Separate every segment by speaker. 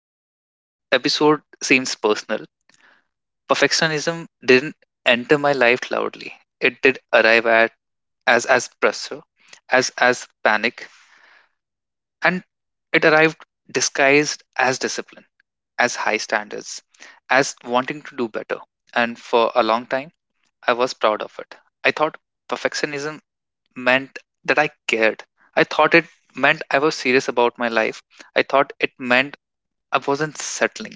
Speaker 1: because this episode seems personal. Perfectionism didn't enter my life loudly. It did arrive at as pressure, as panic, and it arrived disguised as discipline, as high standards, as wanting to do better. And for a long time, I was proud of it. I thought perfectionism meant that I cared. I thought it meant I was serious about my life. I thought it meant I wasn't settling.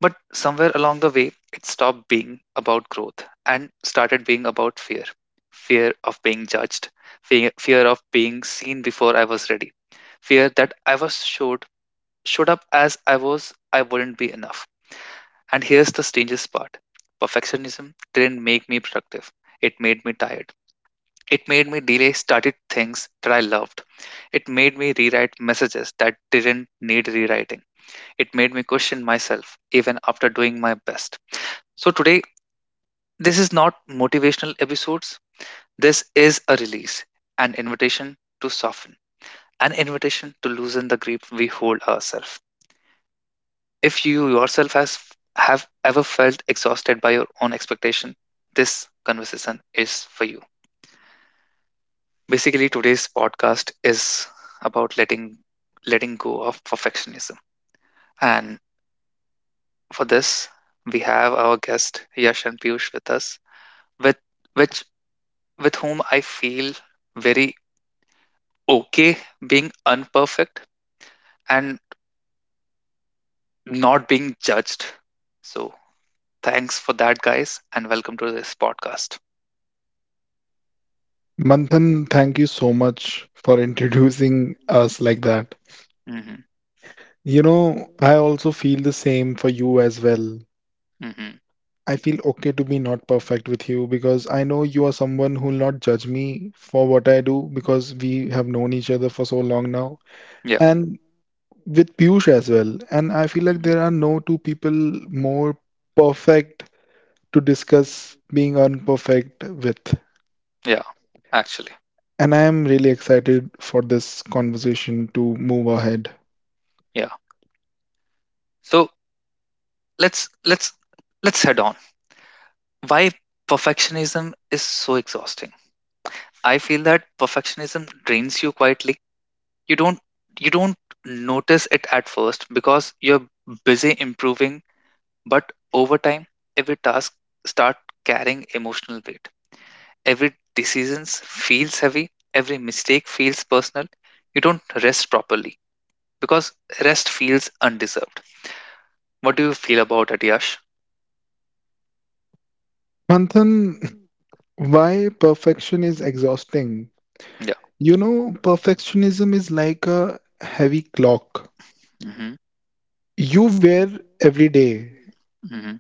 Speaker 1: But somewhere along the way, it stopped being about growth and started being about Fear of being judged, fear of being seen before I was ready, fear that I was showed up as I was, I wouldn't be enough. And here's the strangest part, perfectionism didn't make me productive, it made me tired. It made me delay started things that I loved. It made me rewrite messages that didn't need rewriting. It made me question myself even after doing my best. So today, this is not motivational episodes. This is a release, an invitation to soften, an invitation to loosen the grip we hold ourselves. If you yourself has have ever felt exhausted by your own expectation, this conversation is for you. Basically, today's podcast is about letting go of perfectionism. And for this, we have our guest Yash and Piyush with us, with which with whom I feel very okay being unperfect and not being judged. So thanks for that, guys, and welcome to this podcast.
Speaker 2: Manthan, thank you so much for introducing us like that.
Speaker 1: Hmm.
Speaker 2: You know, I also feel the same for you as well.
Speaker 1: Hmm.
Speaker 2: I feel okay to be not perfect with you because I know you are someone who will not judge me for what I do because we have known each other for so long now.
Speaker 1: Yeah.
Speaker 2: And with Piyush as well. And I feel like
Speaker 1: Mhm.
Speaker 2: there are no two people more perfect to discuss being unperfect with.
Speaker 1: Yeah, actually.
Speaker 2: And I am really excited for this conversation to move ahead.
Speaker 1: Yeah. So let's let's let's head on. Why perfectionism is so exhausting? I feel that perfectionism drains you quietly. You don't you don't notice it at first because you're busy improving. But over time, every task start carrying emotional weight. Every decision feels heavy, every mistake feels personal. You don't rest properly because rest feels undeserved. What do you feel about it, Yash?
Speaker 2: Manthan, why perfection is exhausting?
Speaker 1: Yeah.
Speaker 2: You know, perfectionism is like a heavy clock
Speaker 1: Mm-hmm.
Speaker 2: you wear every day,
Speaker 1: Mm-hmm.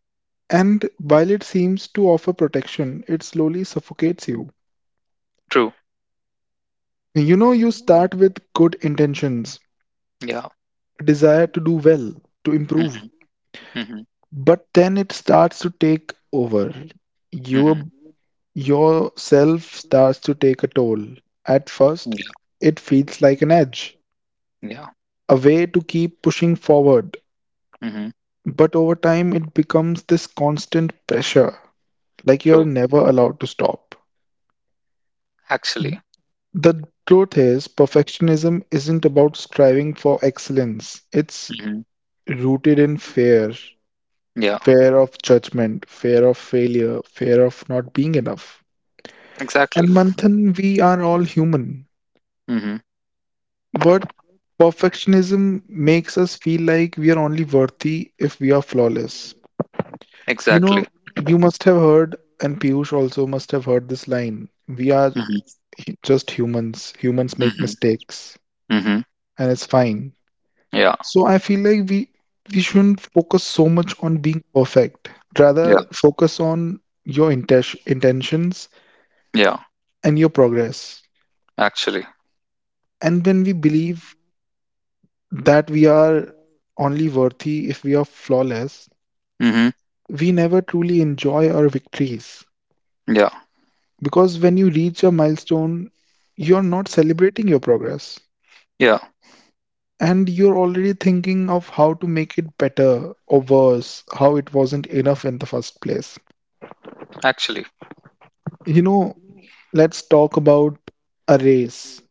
Speaker 2: and while it seems to offer protection, it slowly suffocates you.
Speaker 1: True.
Speaker 2: You know, you start with good intentions,
Speaker 1: Yeah.
Speaker 2: a desire to do well, to improve,
Speaker 1: Mm-hmm. Mm-hmm.
Speaker 2: but then it starts to take over. Your
Speaker 1: Mm-hmm.
Speaker 2: yourself starts to take a toll. At first,
Speaker 1: Yeah.
Speaker 2: it feels like an edge,
Speaker 1: Yeah.
Speaker 2: a way to keep pushing forward.
Speaker 1: Mm-hmm.
Speaker 2: But over time, it becomes this constant pressure, like
Speaker 1: True.
Speaker 2: you're never allowed to stop.
Speaker 1: Actually.
Speaker 2: The truth is, perfectionism isn't about striving for excellence, it's
Speaker 1: Mm-hmm.
Speaker 2: rooted in fear,
Speaker 1: Yeah.
Speaker 2: fear of judgment, fear of failure, fear of not being enough.
Speaker 1: Exactly.
Speaker 2: And Manthan, we are all human,
Speaker 1: Mm-hmm.
Speaker 2: but perfectionism makes us feel like we are only worthy if we are flawless. You
Speaker 1: Exactly.
Speaker 2: know, you must have heard, and Piyush also must have heard this line, we are
Speaker 1: Mm-hmm.
Speaker 2: just humans. Humans make
Speaker 1: Mm-hmm.
Speaker 2: mistakes,
Speaker 1: Mm-hmm.
Speaker 2: and it's fine.
Speaker 1: Yeah.
Speaker 2: So I feel like we shouldn't focus so much on being perfect.
Speaker 1: Yeah.
Speaker 2: Rather, focus on your intentions
Speaker 1: Yeah.
Speaker 2: and your progress.
Speaker 1: Actually.
Speaker 2: And when we believe that we are only worthy if we are flawless,
Speaker 1: Mm-hmm.
Speaker 2: we never truly enjoy our victories,
Speaker 1: Yeah.
Speaker 2: because when you reach a milestone, you're not celebrating your progress
Speaker 1: Yeah.
Speaker 2: and you're already thinking of how to make it better or worse, how it wasn't enough in the first place.
Speaker 1: Actually.
Speaker 2: You know, let's talk about a race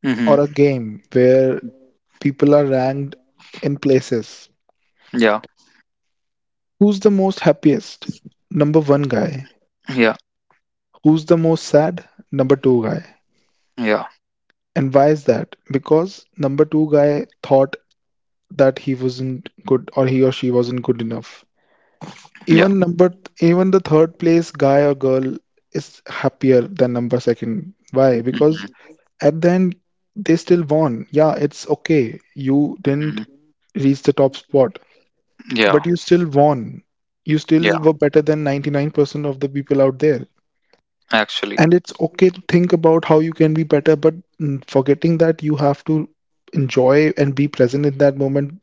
Speaker 1: Hmm.
Speaker 2: or a game where people are ranked in places.
Speaker 1: Yeah,
Speaker 2: Who's the most happiest? Number one guy.
Speaker 1: yeah,
Speaker 2: Who's the most sad? Number two guy.
Speaker 1: yeah,
Speaker 2: And why is that? Because number two guy thought that he wasn't good or he or she wasn't good enough.
Speaker 1: yeah.
Speaker 2: Even the third place guy or girl is happier than number second. Why? Because
Speaker 1: Mm-hmm.
Speaker 2: at the end, they still won. Yeah, it's okay. You
Speaker 1: Mm-hmm.
Speaker 2: didn't reach the top spot,
Speaker 1: Yeah,
Speaker 2: but you still won. You
Speaker 1: yeah,
Speaker 2: still were better than 99% of the people out there.
Speaker 1: actually.
Speaker 2: And it's okay to think about how you can be better, but forgetting that you have to enjoy and be present in that moment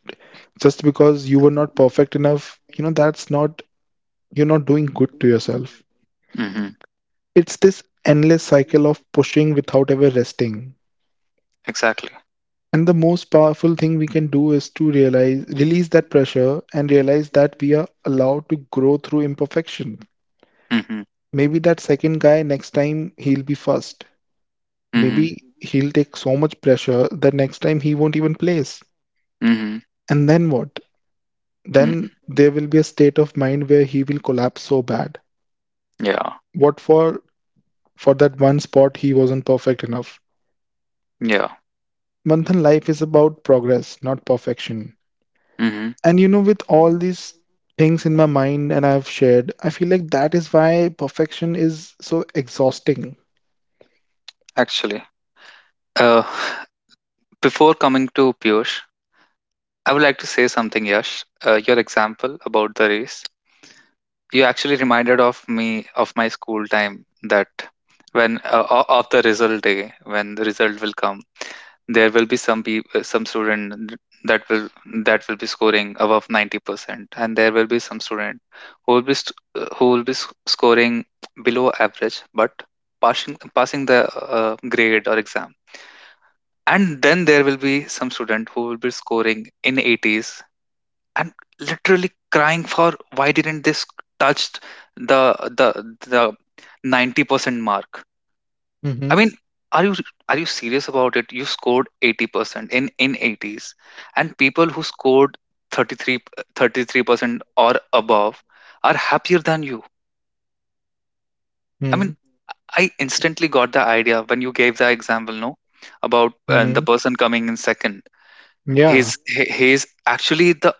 Speaker 2: just because you were not perfect enough, that's not, you're not doing good to yourself.
Speaker 1: Hmm.
Speaker 2: It's this endless cycle of pushing without ever resting,
Speaker 1: Exactly.
Speaker 2: and the most powerful thing we can do is to realize release that pressure and realize that we are allowed to grow through imperfection.
Speaker 1: Hmm.
Speaker 2: Maybe that second guy, next time he'll be first.
Speaker 1: Hmm.
Speaker 2: Maybe he'll take so much pressure that next time he won't even place.
Speaker 1: Hmm.
Speaker 2: And then what?
Speaker 1: Mm.
Speaker 2: Then there will be a state of mind where he will collapse so bad.
Speaker 1: Yeah,
Speaker 2: What for? For that one spot, he wasn't perfect enough.
Speaker 1: yeah.
Speaker 2: Manthan, life is about progress, not perfection.
Speaker 1: Hmm.
Speaker 2: And you know, with all these things in my mind and I've shared, I feel like that is why perfection is so exhausting.
Speaker 1: Actually. Uh, before coming to Piyush, I would like to say something, Yash. Your example about the race, you actually reminded of me of my school time that when of the result day, when the result will come, there will be some student that will that will be scoring above 90%, and there will be some student who will be who will be scoring below average but passing the grade or exam, and then there will be some student who will be scoring in 80s and literally crying for why didn't this touched the the the 90% mark. I
Speaker 2: Mhm,
Speaker 1: mean, are you are you serious about it? You scored 80% in 80s, and people who scored thirty three thirty three percent or above are happier than you. I
Speaker 2: mhm,
Speaker 1: mean, I instantly got the idea when you gave the example, no, about
Speaker 2: mhm.
Speaker 1: the person coming in second.
Speaker 2: Yeah,
Speaker 1: He's actually the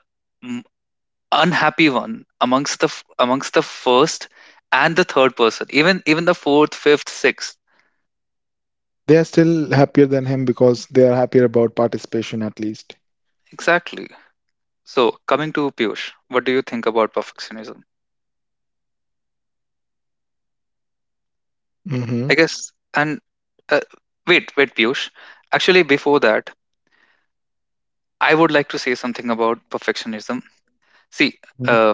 Speaker 1: unhappy one amongst amongst the first, and the third person, even the fourth, fifth, sixth.
Speaker 2: they are still happier than him because they are happier about participation at least.
Speaker 1: Exactly. So coming to Piyush, what do you think about perfectionism?
Speaker 2: Hmm.
Speaker 1: I guess, and uh, wait, Piyush, actually before that, I would like to say something about perfectionism. See, uh,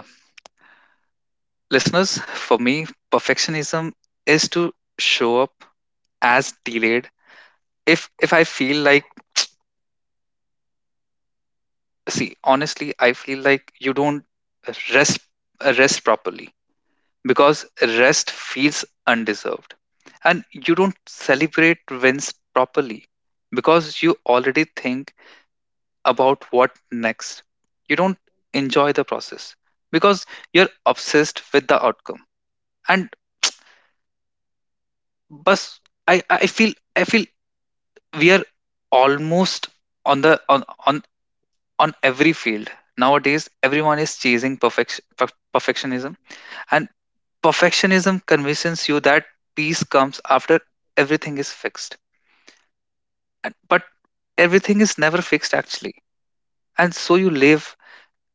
Speaker 1: listeners, for me perfectionism is to show up as delayed. If I feel like, see, honestly I feel like you don't rest rest properly because rest feels undeserved, and you don't celebrate wins properly because you already think about what next. You don't enjoy the process because you're obsessed with the outcome, and bus, I feel we are almost on the on every field. Nowadays, everyone is chasing perfectionism. And perfectionism convinces you that peace comes after everything is fixed. But everything is never fixed actually. And so you live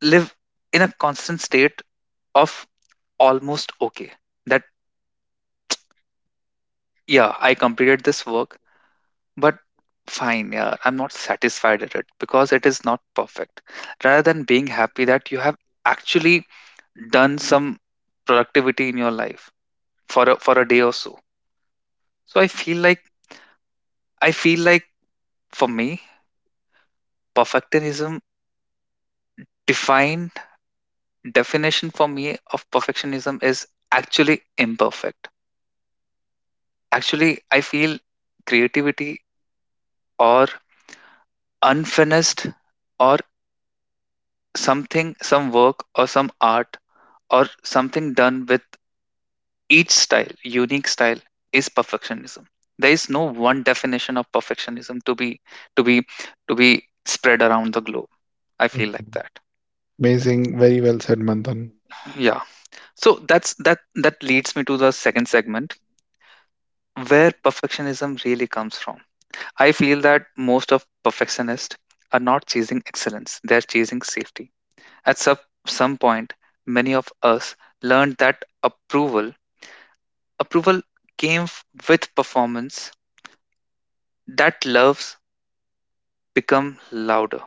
Speaker 1: live in a constant state of almost okay. That, yeah, I completed this work, but fine, yeah, I'm not satisfied at it because it is not perfect, rather than being happy that you have actually done some productivity in your life for a day or so. So I feel like, for me perfectionism defined definition for me of perfectionism is actually imperfect. Actually, I feel creativity or unfinished, or something, some work or some art, or something done with each style, unique style, is perfectionism. There is no one definition of perfectionism to be, to be to be spread around the globe, I feel like that.
Speaker 2: Amazing, very well said, Manthan.
Speaker 1: Yeah, so that's that. That leads me to the second segment, where perfectionism really comes from. I feel that most of perfectionists are not chasing excellence, they are chasing safety. At some point, many of us learned that approval, approval came with performance, that loves become louder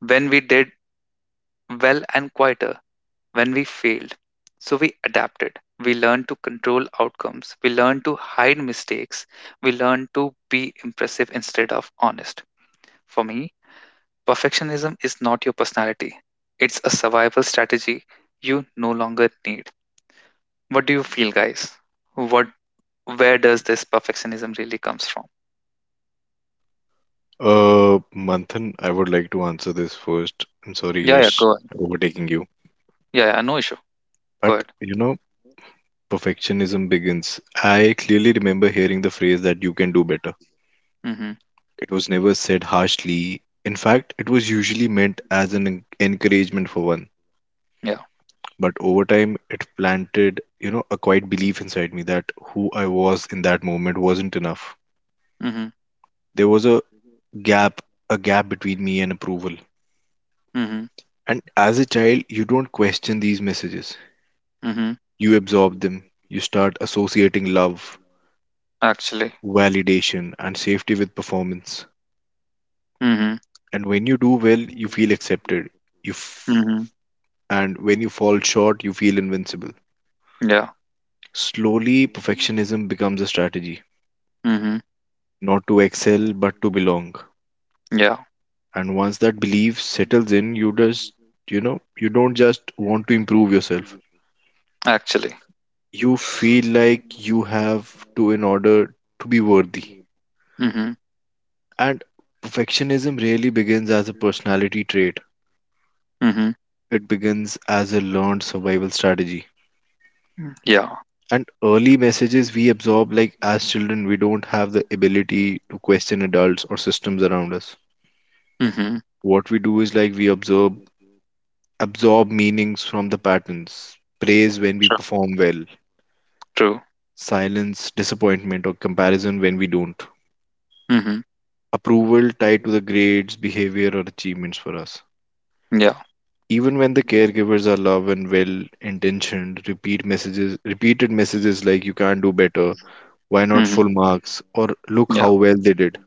Speaker 1: when we did well and quieter when we failed. So we adapted. We learned to control outcomes, we learned to hide mistakes, we learned to be impressive instead of honest. For me, perfectionism is not your personality, it's a survival strategy you no longer need. What do you feel, guys? What where does this perfectionism really comes from?
Speaker 3: Manthan, I would like to answer this first. I'm sorry,
Speaker 1: Yeah, yeah,
Speaker 3: Yash,
Speaker 1: go ahead.
Speaker 3: overtaking you.
Speaker 1: Yeah, yeah, no issue. Go
Speaker 3: But
Speaker 1: ahead.
Speaker 3: you know, perfectionism begins. I clearly remember hearing the phrase that you can do better.
Speaker 1: Mm-hmm.
Speaker 3: It was never said harshly. In fact, it was usually meant as an encouragement for one.
Speaker 1: Yeah.
Speaker 3: But over time, it planted, you know, a quiet belief inside me that who I was in that moment wasn't enough.
Speaker 1: Mm-hmm.
Speaker 3: There was gap, a gap between me and approval.
Speaker 1: Mm-hmm.
Speaker 3: And as a child, you don't question these messages.
Speaker 1: Mm-hmm.
Speaker 3: You absorb them. You start associating love,
Speaker 1: Actually.
Speaker 3: validation, and safety with performance.
Speaker 1: Mm-hmm.
Speaker 3: And when you do well, you feel accepted. You f-
Speaker 1: Mm-hmm.
Speaker 3: and when you fall short, you feel invincible.
Speaker 1: Yeah.
Speaker 3: Slowly, perfectionism becomes a strategy,
Speaker 1: Mm-hmm.
Speaker 3: not to excel, but to belong.
Speaker 1: Yeah.
Speaker 3: And once that belief settles in, you just, you know, you don't just want to improve yourself.
Speaker 1: Actually.
Speaker 3: You feel like you have to in order to be worthy.
Speaker 1: Mm-hmm.
Speaker 3: And perfectionism really begins as a personality trait.
Speaker 1: Mm-hmm.
Speaker 3: It begins as a learned survival strategy.
Speaker 1: Yeah.
Speaker 3: And early messages we absorb, like as children, we don't have the ability to question adults or systems around us.
Speaker 1: Mm-hmm.
Speaker 3: What we do is like we absorb meanings from the patterns. Praise when we
Speaker 1: True.
Speaker 3: perform well,
Speaker 1: True.
Speaker 3: silence, disappointment, or comparison when we don't.
Speaker 1: Mm-hmm.
Speaker 3: Approval tied to the grades, behavior, or achievements for us.
Speaker 1: Yeah.
Speaker 3: Even when the caregivers are love and well intentioned, repeated messages like you can not do better, why not full
Speaker 1: Mm-hmm.
Speaker 3: marks, or look
Speaker 1: Yeah.
Speaker 3: how well they did,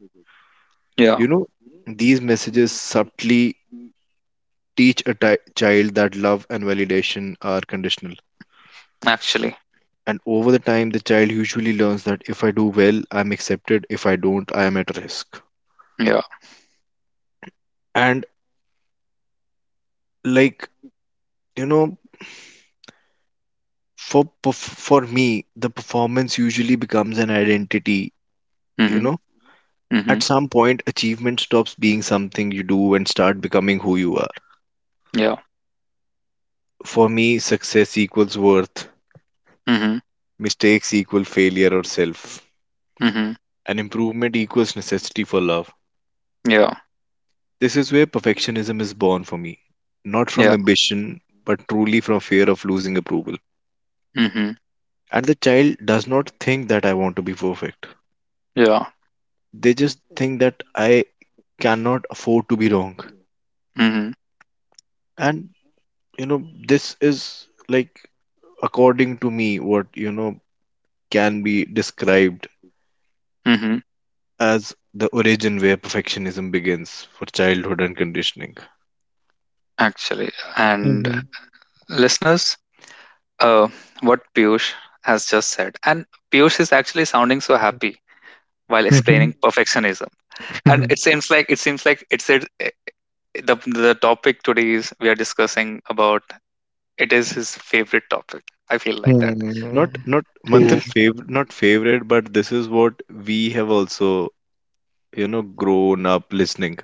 Speaker 1: Yeah.
Speaker 3: you know, these messages subtly teach a child that love and validation are conditional.
Speaker 1: Actually.
Speaker 3: And over the time, the child usually learns that if I do well, I'm accepted, if I don't, I am at risk.
Speaker 1: Yeah.
Speaker 3: And like, you know, for me, the performance usually becomes an identity. You
Speaker 1: Mm-hmm.
Speaker 3: know, at
Speaker 1: Mhm.
Speaker 3: some point, achievement stops being something you do and start becoming who you are.
Speaker 1: Ja.
Speaker 3: For me, success equals worth,
Speaker 1: Mhm.
Speaker 3: mistakes equal failure or self,
Speaker 1: Mhm.
Speaker 3: and improvement equals necessity for love.
Speaker 1: Yeah.
Speaker 3: This is where perfectionism is born for me, not from
Speaker 1: Yeah.
Speaker 3: ambition, but truly from fear of losing approval.
Speaker 1: Mhm.
Speaker 3: And the child does not think that I want to be perfect,
Speaker 1: Yeah.
Speaker 3: they just think that I cannot afford to be wrong.
Speaker 1: Mhm.
Speaker 3: And you know, this is like, according to me, what, you know, can be described
Speaker 1: Mhm.
Speaker 3: as the origin where perfectionism begins for childhood and conditioning.
Speaker 1: Actually. And
Speaker 2: Mhm,
Speaker 1: listeners, uh, what Piyush has just said, and Piyush is actually sounding so happy while
Speaker 2: mhm,
Speaker 1: explaining perfectionism,
Speaker 2: mhm,
Speaker 1: and
Speaker 2: mhm.
Speaker 1: it seems like, it seems like it's it, eh, the the topic today, is we are discussing about, it is his favorite topic. I feel like that.
Speaker 3: Not month
Speaker 2: True.
Speaker 3: in fav not favorite, but this is what we have also, you know, grown up listening.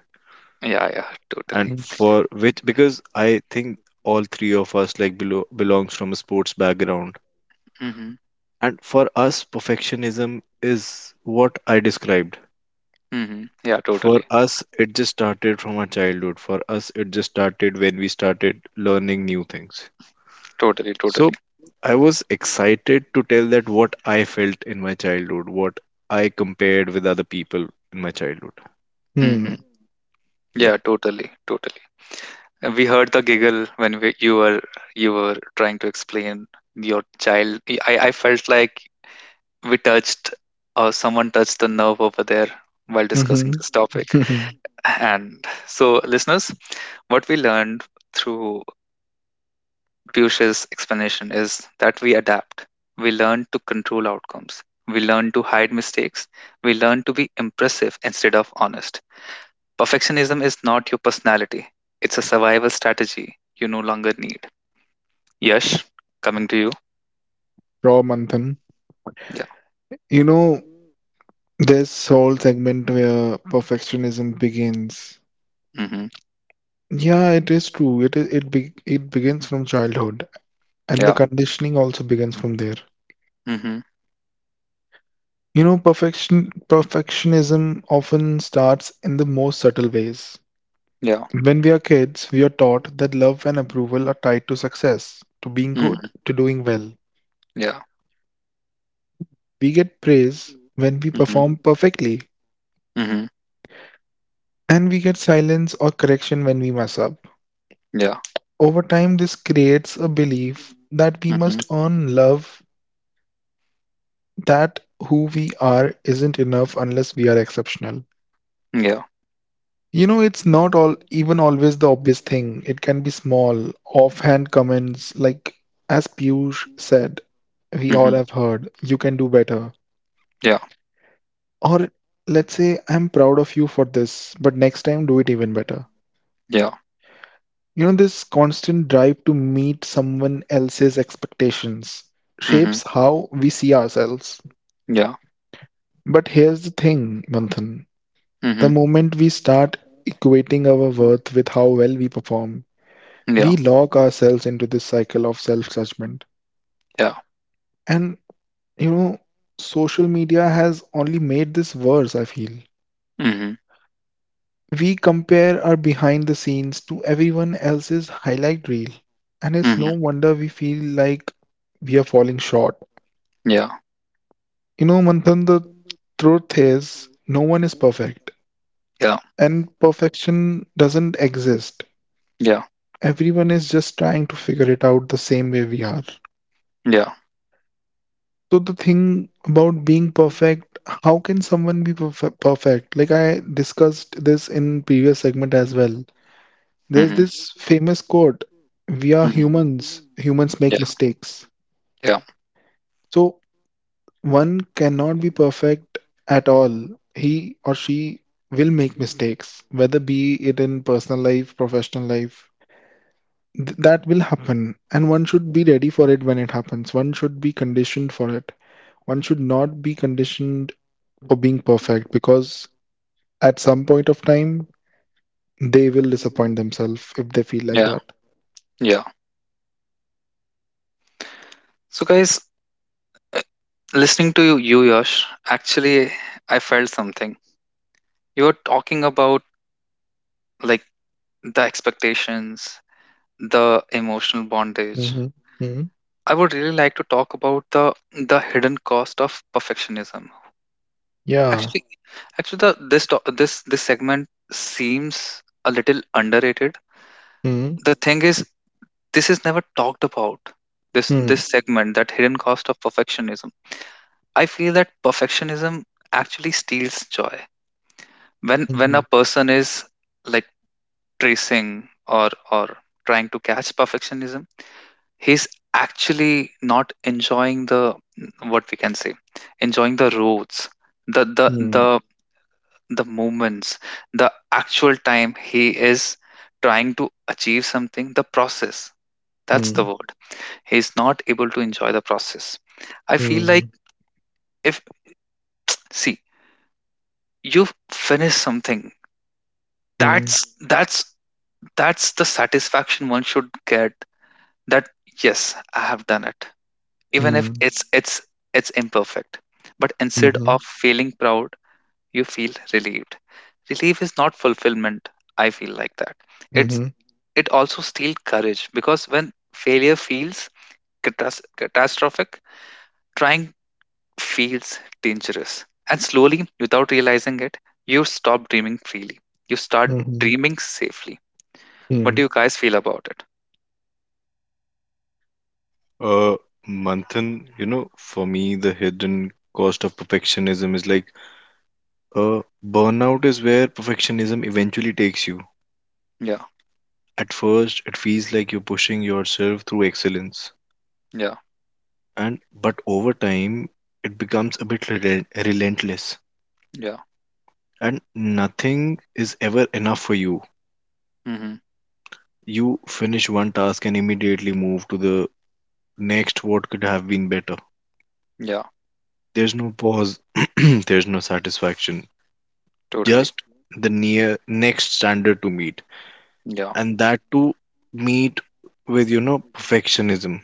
Speaker 1: Yeah. Yeah.
Speaker 3: And
Speaker 1: Totally.
Speaker 2: Mhm,
Speaker 3: for which, because I think all three of us, like, below belongs from a sports background.
Speaker 1: Mhm.
Speaker 3: And for us, perfectionism is what I described.
Speaker 1: Mhm. Yeah.
Speaker 3: For
Speaker 1: Totally.
Speaker 3: us, it just started from our childhood. For us, it just started when we started learning new things.
Speaker 1: Totally. Totally.
Speaker 3: So I was excited to tell that what I felt in my childhood, what I compared with other people in my childhood.
Speaker 2: mhm,
Speaker 1: Mhm.
Speaker 3: Yeah.
Speaker 1: Yeah. Totally. Totally. And we heard the giggle when you were trying to explain your child. I felt like we touched, or someone touched the nerve over there while discussing
Speaker 2: mhm.
Speaker 1: this topic. And so, listeners, what we learned through Piyush's explanation is that we adapt. We learn to control outcomes. We learn to hide mistakes. We learn to be impressive instead of honest. Perfectionism is not your personality, it's a survival strategy you no longer need. Yes, coming to you.
Speaker 2: Raw Manthan.
Speaker 1: Yeah.
Speaker 2: You know, this whole segment where perfectionism begins.
Speaker 1: Mm-hmm.
Speaker 2: Yeah, it is true. It is it be, it begins from childhood, and the
Speaker 1: Yeah.
Speaker 2: conditioning also begins from there.
Speaker 1: Mm-hmm.
Speaker 2: You know, perfectionism often starts in the most subtle ways.
Speaker 1: Yeah.
Speaker 2: When we are kids, we are taught that love and approval are tied to success, to being good,
Speaker 1: Mm-hmm.
Speaker 2: to doing well.
Speaker 1: Yeah.
Speaker 2: We get praise when we
Speaker 1: Mm-hmm.
Speaker 2: perform perfectly,
Speaker 1: Mm-hmm.
Speaker 2: and we get silence or correction when we mess up.
Speaker 1: Yeah.
Speaker 2: Over time, this creates a belief that we must
Speaker 1: Mm-hmm.
Speaker 2: earn love, that who we are isn't enough unless we are exceptional.
Speaker 1: Yeah.
Speaker 2: You know, it's not all even always the obvious thing. It can be small, offhand comments like, as Piyush said, we all
Speaker 1: Mm-hmm.
Speaker 2: have heard, you can do better.
Speaker 1: Yeah.
Speaker 2: Or let's say, I'm proud of you for this, but next time do it even better.
Speaker 1: Yeah.
Speaker 2: You know, this constant drive to meet someone else's expectations
Speaker 1: Mm-hmm.
Speaker 2: shapes how we see ourselves.
Speaker 1: Yeah.
Speaker 2: But here's the thing, Manthan.
Speaker 1: Mm-hmm.
Speaker 2: The moment we start equating our worth with how well we perform,
Speaker 1: Yeah.
Speaker 2: we lock ourselves into this cycle of self-judgment.
Speaker 1: Yeah.
Speaker 2: And, you know, social media has only made this worse, I feel.
Speaker 1: Mm-hmm.
Speaker 2: We compare our behind the scenes to everyone else's highlight reel. And it's
Speaker 1: Mm-hmm.
Speaker 2: no wonder we feel like we are falling short.
Speaker 1: Yeah.
Speaker 2: You know, Manthan, the truth is, no one is perfect,
Speaker 1: Yeah.
Speaker 2: and perfection doesn't exist.
Speaker 1: Yeah.
Speaker 2: Everyone is just trying to figure it out the same way we are.
Speaker 1: Yeah.
Speaker 2: So the thing about being perfect, how can someone be perfect? Like I discussed this in previous segment as well.
Speaker 1: Mm-hmm.
Speaker 2: There's this famous quote, we are
Speaker 1: Mm-hmm.
Speaker 2: humans, humans
Speaker 1: Yeah.
Speaker 2: make mistakes.
Speaker 1: Yeah.
Speaker 2: So one cannot be perfect at all. He or she will make mistakes, whether be it in personal life, professional life, that will happen, and one should be ready for it when it happens. One should be conditioned for it. One should not be conditioned for being perfect because at some point of time, they will disappoint themselves if they feel
Speaker 1: Yeah.
Speaker 2: like that.
Speaker 1: Yeah. So guys, uh, listening to you, Yash, actually I felt something. You were talking about, like, the expectations, the emotional bondage.
Speaker 2: Hmm.
Speaker 1: I would really like to talk about the hidden cost of perfectionism. Actually,
Speaker 2: Ja.
Speaker 1: actually, the this to- this this segment seems a little underrated.
Speaker 2: Mhm.
Speaker 1: The thing is, this is never talked about. This
Speaker 2: Mhm.
Speaker 1: segment, that hidden cost of perfectionism. I feel that perfectionism actually steals joy. When a
Speaker 2: Mhm.
Speaker 1: person is, like, tracing, or trying to catch perfectionism, he's actually not enjoying the, what we can say, enjoying the roads, the the the
Speaker 2: Mhm.
Speaker 1: the moments, the actual time he is trying to achieve something, the process, that's the word, he's not able to enjoy the process, I feel like.
Speaker 2: Mhm.
Speaker 1: If, see, you've finished something,
Speaker 2: Mhm.
Speaker 1: that's that's the satisfaction one should get, that yes, I have done it, even if
Speaker 2: Mhm.
Speaker 1: it's imperfect, but instead of
Speaker 2: Mhm.
Speaker 1: feeling proud, you feel relieved. Relief is not fulfillment, I feel like that.
Speaker 2: Mhm.
Speaker 1: it's
Speaker 2: Mhm.
Speaker 1: it also steals courage, because when failure feels catastrophic, trying feels dangerous, and slowly, without realizing it, you stop dreaming freely, you start
Speaker 2: Mhm.
Speaker 1: dreaming safely. What do you
Speaker 2: Mhm.
Speaker 1: guys feel about it?
Speaker 3: Uh, Manthan, you know, for me, the hidden cost of perfectionism is like, uh, burnout is where perfectionism eventually takes you.
Speaker 1: Yeah.
Speaker 3: At first, it feels like you're pushing yourself through excellence,
Speaker 1: Yeah.
Speaker 3: and but over time, it becomes a bit relentless,
Speaker 1: Yeah.
Speaker 3: and nothing is ever enough for you.
Speaker 1: Mm-hmm.
Speaker 3: You finish one task and immediately move to the next, what could have been better.
Speaker 1: Yeah.
Speaker 3: There's no pause, there's no satisfaction,
Speaker 1: Totally.
Speaker 3: just the near next standard to meet.
Speaker 1: Yeah.
Speaker 3: And that to meet with, you know, perfectionism,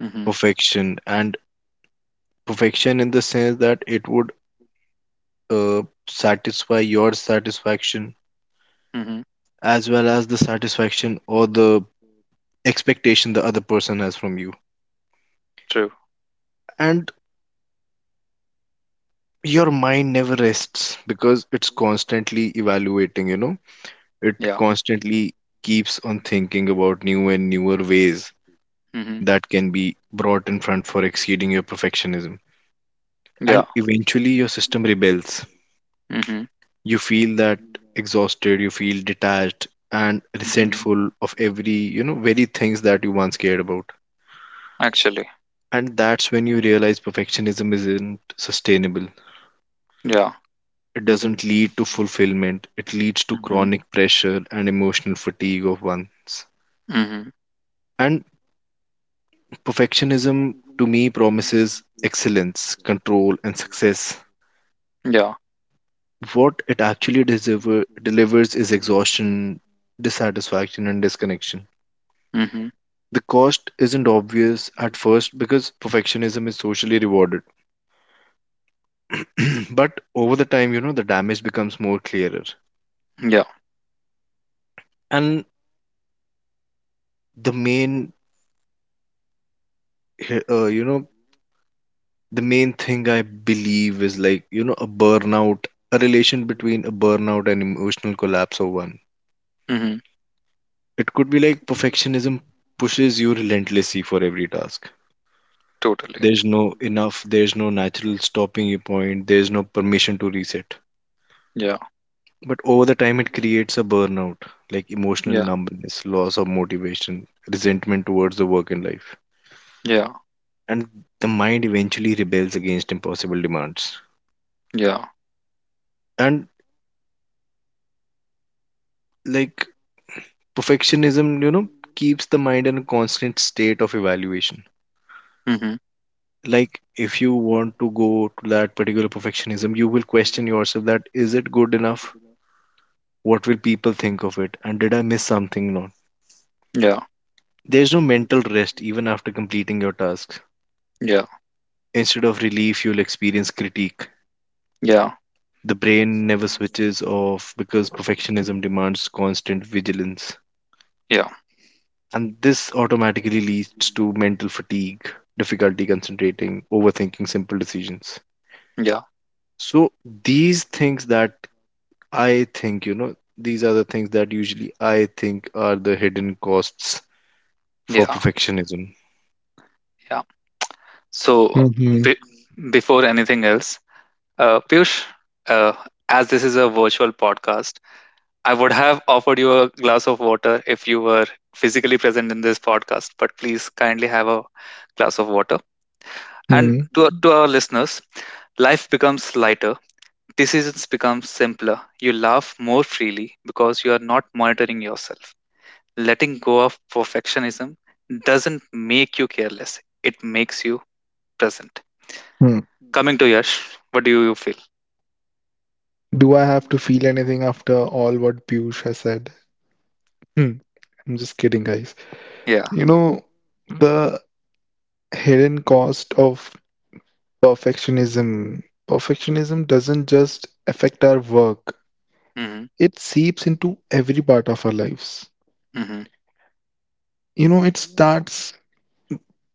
Speaker 1: Mm-hmm.
Speaker 3: perfection, and perfection in the sense that it would, uh, satisfy your satisfaction
Speaker 1: Mm-hmm.
Speaker 3: as well as the satisfaction or the expectation the other person has from you.
Speaker 1: True.
Speaker 3: And your mind never rests because it's constantly evaluating, you know, it
Speaker 1: Yeah.
Speaker 3: constantly keeps on thinking about new and newer ways
Speaker 1: Mhm.
Speaker 3: that can be brought in front for exceeding your perfectionism. And
Speaker 1: Yeah.
Speaker 3: eventually your system rebels,
Speaker 1: Mhm.
Speaker 3: you feel that exhausted, you feel detached and
Speaker 1: Mhm.
Speaker 3: resentful of every, you know, very things that you once cared about.
Speaker 1: Actually.
Speaker 3: And that's when you realize perfectionism isn't sustainable.
Speaker 1: Yeah.
Speaker 3: It doesn't lead to fulfillment, it leads to
Speaker 1: Mhm.
Speaker 3: chronic pressure and emotional fatigue of one's.
Speaker 1: Mhm.
Speaker 3: And perfectionism to me promises excellence, control, and success.
Speaker 1: Yeah.
Speaker 3: What it actually delivers is exhaustion, dissatisfaction, and disconnection.
Speaker 1: Mhm.
Speaker 3: The cost isn't obvious at first because perfectionism is socially rewarded. But over the time, you know, the damage becomes more clearer.
Speaker 1: Yeah.
Speaker 3: And the main, you know, the main thing I believe is like, you know, a burnout, a relation between a burnout and emotional collapse of one.
Speaker 1: Mhm.
Speaker 3: It could be like perfectionism pushes you relentlessly for every task.
Speaker 1: Totally.
Speaker 3: There's no enough, there's no natural stopping you point, there's no permission to reset.
Speaker 1: Yeah.
Speaker 3: But over the time, it creates a burnout, like emotional
Speaker 1: Yeah.
Speaker 3: numbness, loss of motivation, resentment towards the work and life.
Speaker 1: Yeah.
Speaker 3: And the mind eventually rebels against impossible demands.
Speaker 1: Yeah.
Speaker 3: And like perfectionism, you know, keeps the mind in a constant state of evaluation.
Speaker 1: Mhm.
Speaker 3: Like if you want to go to that particular perfectionism, you will question yourself that is it good enough? What will people think of it? And did I miss something? No.
Speaker 1: Yeah.
Speaker 3: There's no mental rest even after completing your tasks.
Speaker 1: Yeah.
Speaker 3: Instead of relief, you'll experience critique.
Speaker 1: Yeah.
Speaker 3: The brain never switches off because perfectionism demands constant vigilance.
Speaker 1: Yeah.
Speaker 3: And this automatically leads to mental fatigue, difficulty concentrating, overthinking simple decisions.
Speaker 1: Yeah.
Speaker 3: So these things that I think, you know, these are the things that usually I think are the hidden costs for
Speaker 1: Yeah.
Speaker 3: perfectionism.
Speaker 1: Yeah. So,
Speaker 2: Mhm.
Speaker 1: be- before anything else, Piyush, uh, as this is a virtual podcast, I would have offered you a glass of water if you were physically present in this podcast, but please kindly have a glass of water. And
Speaker 2: Mhm.
Speaker 1: to our listeners, life becomes lighter, decisions become simpler, you laugh more freely because you are not monitoring yourself. Letting go of perfectionism doesn't make you careless, it makes you present.
Speaker 2: Mhm.
Speaker 1: Coming to Yash, what do you feel?
Speaker 2: Do I have to feel anything after all what Piyush has said? Hmm. I'm just kidding, guys.
Speaker 1: Yeah.
Speaker 2: You know, the hidden cost of perfectionism. Perfectionism doesn't just affect our work,
Speaker 1: Mm-hmm.
Speaker 2: it seeps into every part of our lives.
Speaker 1: Mm-hmm.
Speaker 2: You know, it starts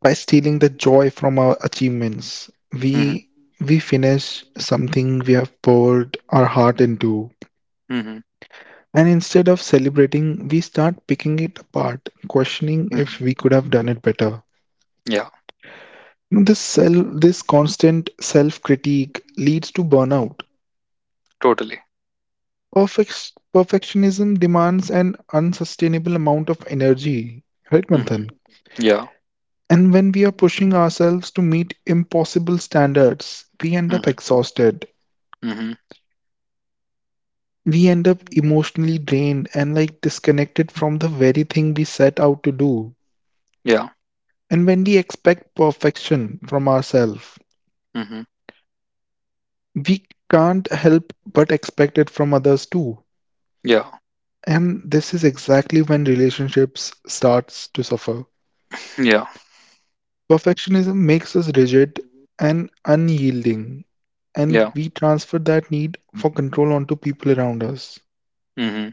Speaker 2: by stealing the joy from our achievements.
Speaker 1: Mm-hmm.
Speaker 2: We finish something we have poured our heart into.
Speaker 1: Mm-hmm.
Speaker 2: And instead of celebrating, we start picking it apart, questioning if
Speaker 1: Hmm.
Speaker 2: we could have done it better.
Speaker 1: Yeah,
Speaker 2: You know, this constant self-critique leads to burnout.
Speaker 1: totally.
Speaker 2: Perfectionism demands an unsustainable amount of energy, right,
Speaker 1: Mm-hmm.
Speaker 2: Manthan?
Speaker 1: Yeah.
Speaker 2: And when we are pushing ourselves to meet impossible standards, we end up
Speaker 1: Mm-hmm.
Speaker 2: exhausted.
Speaker 1: Mm-hmm.
Speaker 2: We end up emotionally drained and like disconnected from the very thing we set out to do.
Speaker 1: Yeah.
Speaker 2: And when we expect perfection from ourselves,
Speaker 1: Mm-hmm.
Speaker 2: we can't help but expect it from others too.
Speaker 1: Yeah.
Speaker 2: And this is exactly when relationships starts to suffer.
Speaker 1: Yeah.
Speaker 2: Perfectionism makes us rigid and unyielding, and
Speaker 1: Yeah.
Speaker 2: we transfer that need for control onto people around us.
Speaker 1: Mm-hmm.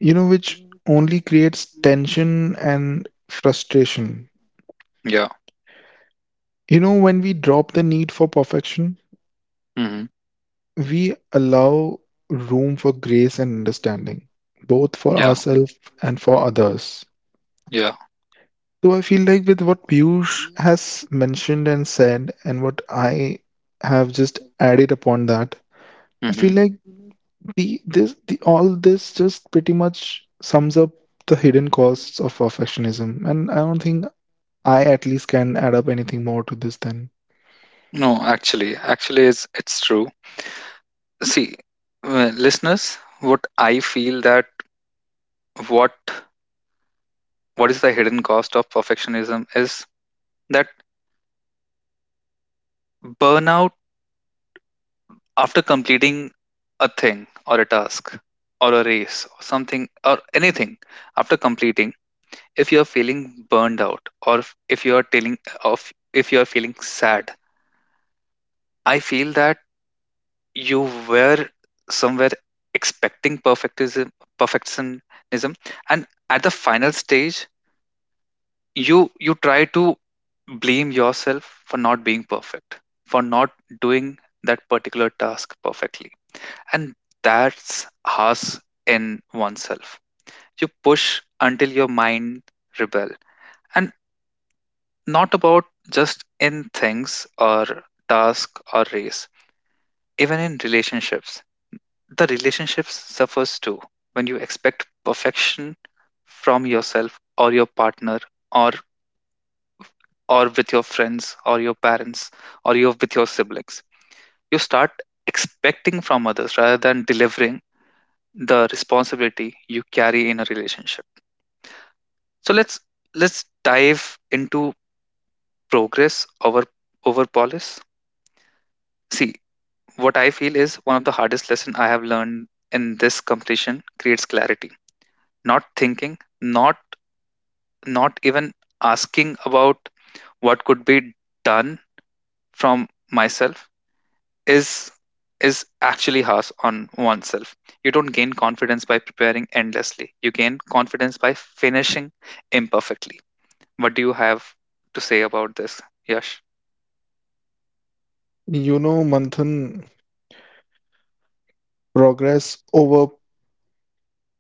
Speaker 2: You know, which only creates tension and frustration.
Speaker 1: Yeah.
Speaker 2: You know, when we drop the need for perfection,
Speaker 1: Mm-hmm.
Speaker 2: we allow room for grace and understanding, both for
Speaker 1: Yeah.
Speaker 2: ourselves and for others.
Speaker 1: Yeah.
Speaker 2: So I feel like with what Piyush has mentioned and said, and what I have just added upon that, I
Speaker 1: Mm-hmm.
Speaker 2: feel like the this the all this just pretty much sums up the hidden costs of perfectionism, and I don't think I at least can add up anything more to this. Then
Speaker 1: No, actually, it's true. See, listeners, what I feel, that what what is the hidden cost of perfectionism is that burnout. After completing a thing or a task or a race or something or anything, after completing, if you are feeling burned out, or if you are telling, of, if you are feeling sad, I feel that you were somewhere expecting perfectism, perfectionism, and at the final stage you try to blame yourself for not being perfect, for not doing that particular task perfectly, and that's harsh in oneself. You push until your mind rebel. And not about just in things or task or race, even in relationships, the relationships suffers too. When you expect perfection from yourself or your partner, or or with your friends or your parents or you with your siblings, you start expecting from others rather than delivering the responsibility you carry in a relationship. So let's dive into progress over over police. See, what I feel is one of the hardest lesson I have learned in this, completion creates clarity, not thinking, not not even asking about what could be done from myself, is is actually harsh on oneself. You don't gain confidence by preparing endlessly. You gain confidence by finishing imperfectly. What do you have to say about this, Yash?
Speaker 2: you know, Manthan, progress over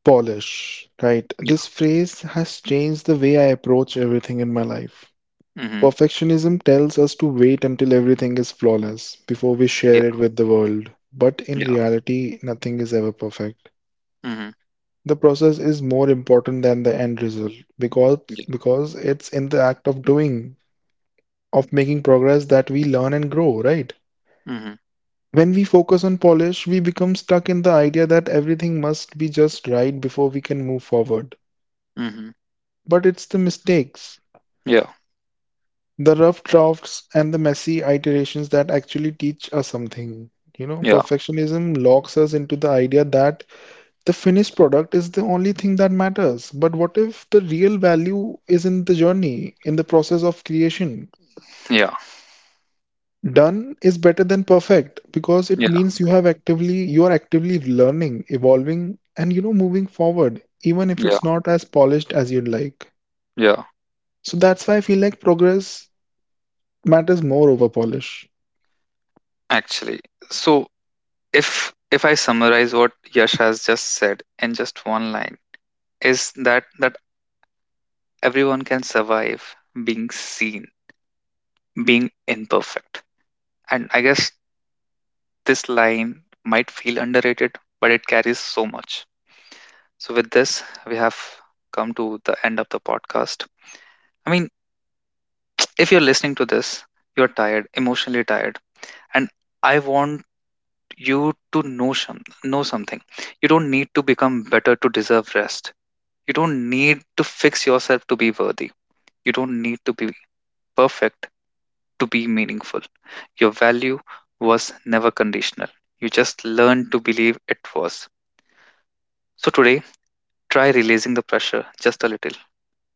Speaker 2: Polish, right?
Speaker 1: Yeah.
Speaker 2: This phrase has changed the way I approach everything in my life.
Speaker 1: Mhm.
Speaker 2: Perfectionism tells us to wait until everything is flawless before we
Speaker 1: Yeah.
Speaker 2: share it with the world, but in
Speaker 1: Yeah.
Speaker 2: reality, nothing is ever perfect.
Speaker 1: Mhm.
Speaker 2: The process is more important than the end result because
Speaker 1: Yeah.
Speaker 2: it's in the act of doing, of making progress that we learn and grow, right?
Speaker 1: Mhm.
Speaker 2: When we focus on polish, we become stuck in the idea that everything must be just right before we can move forward.
Speaker 1: Mhm.
Speaker 2: But it's the mistakes,
Speaker 1: Yeah.
Speaker 2: the rough drafts and the messy iterations that actually teach us something. You know,
Speaker 1: Yeah.
Speaker 2: perfectionism locks us into the idea that the finished product is the only thing that matters. But what if the real value is in the journey, in the process of creation?
Speaker 1: Yeah.
Speaker 2: Done is better than perfect because it
Speaker 1: Yeah.
Speaker 2: means you are actively learning, evolving, and you know moving forward, even if
Speaker 1: Yeah.
Speaker 2: it's not as polished as you'd like.
Speaker 1: Yeah.
Speaker 2: So that's why I feel like progress matters more over polish.
Speaker 1: Actually, so if I summarize what Yash has just said in just one line, is that everyone can survive being seen, being imperfect. And I guess this line might feel underrated, but it carries so much. So, with this, we have come to the end of the podcast. I mean, if you're listening to this, you're tired, emotionally tired. And I want you to know know something. You don't need to become better to deserve rest. You don't need to fix yourself to be worthy. You don't need to be perfect to be meaningful. Your value was never conditional. You just learned to believe it was. So today, try releasing the pressure just a little.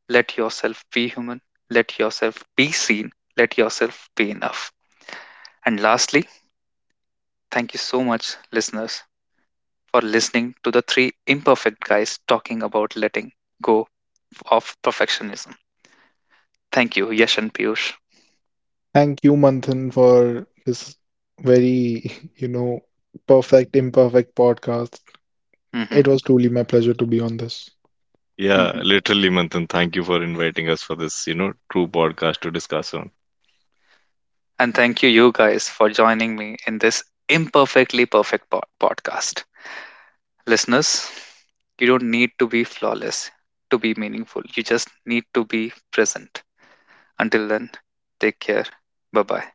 Speaker 1: Let yourself be human. Let yourself be seen. Let yourself be enough. And lastly, thank you so much, listeners, for listening to the three imperfect guys talking about letting go of perfectionism. Thank you, Yash and Piyush.
Speaker 2: Thank you, Manthan, for this very, you know, perfect, imperfect podcast. It
Speaker 1: Hmm.
Speaker 2: was truly my pleasure to be on this.
Speaker 3: Yeah,
Speaker 1: Hmm.
Speaker 3: literally, Manthan, thank you for inviting us for this, you know, true podcast to discuss on.
Speaker 1: And thank you, you guys, for joining me in this imperfectly perfect podcast. Listeners, you don't need to be flawless to be meaningful. You just need to be present. Until then, take care. Bye bye.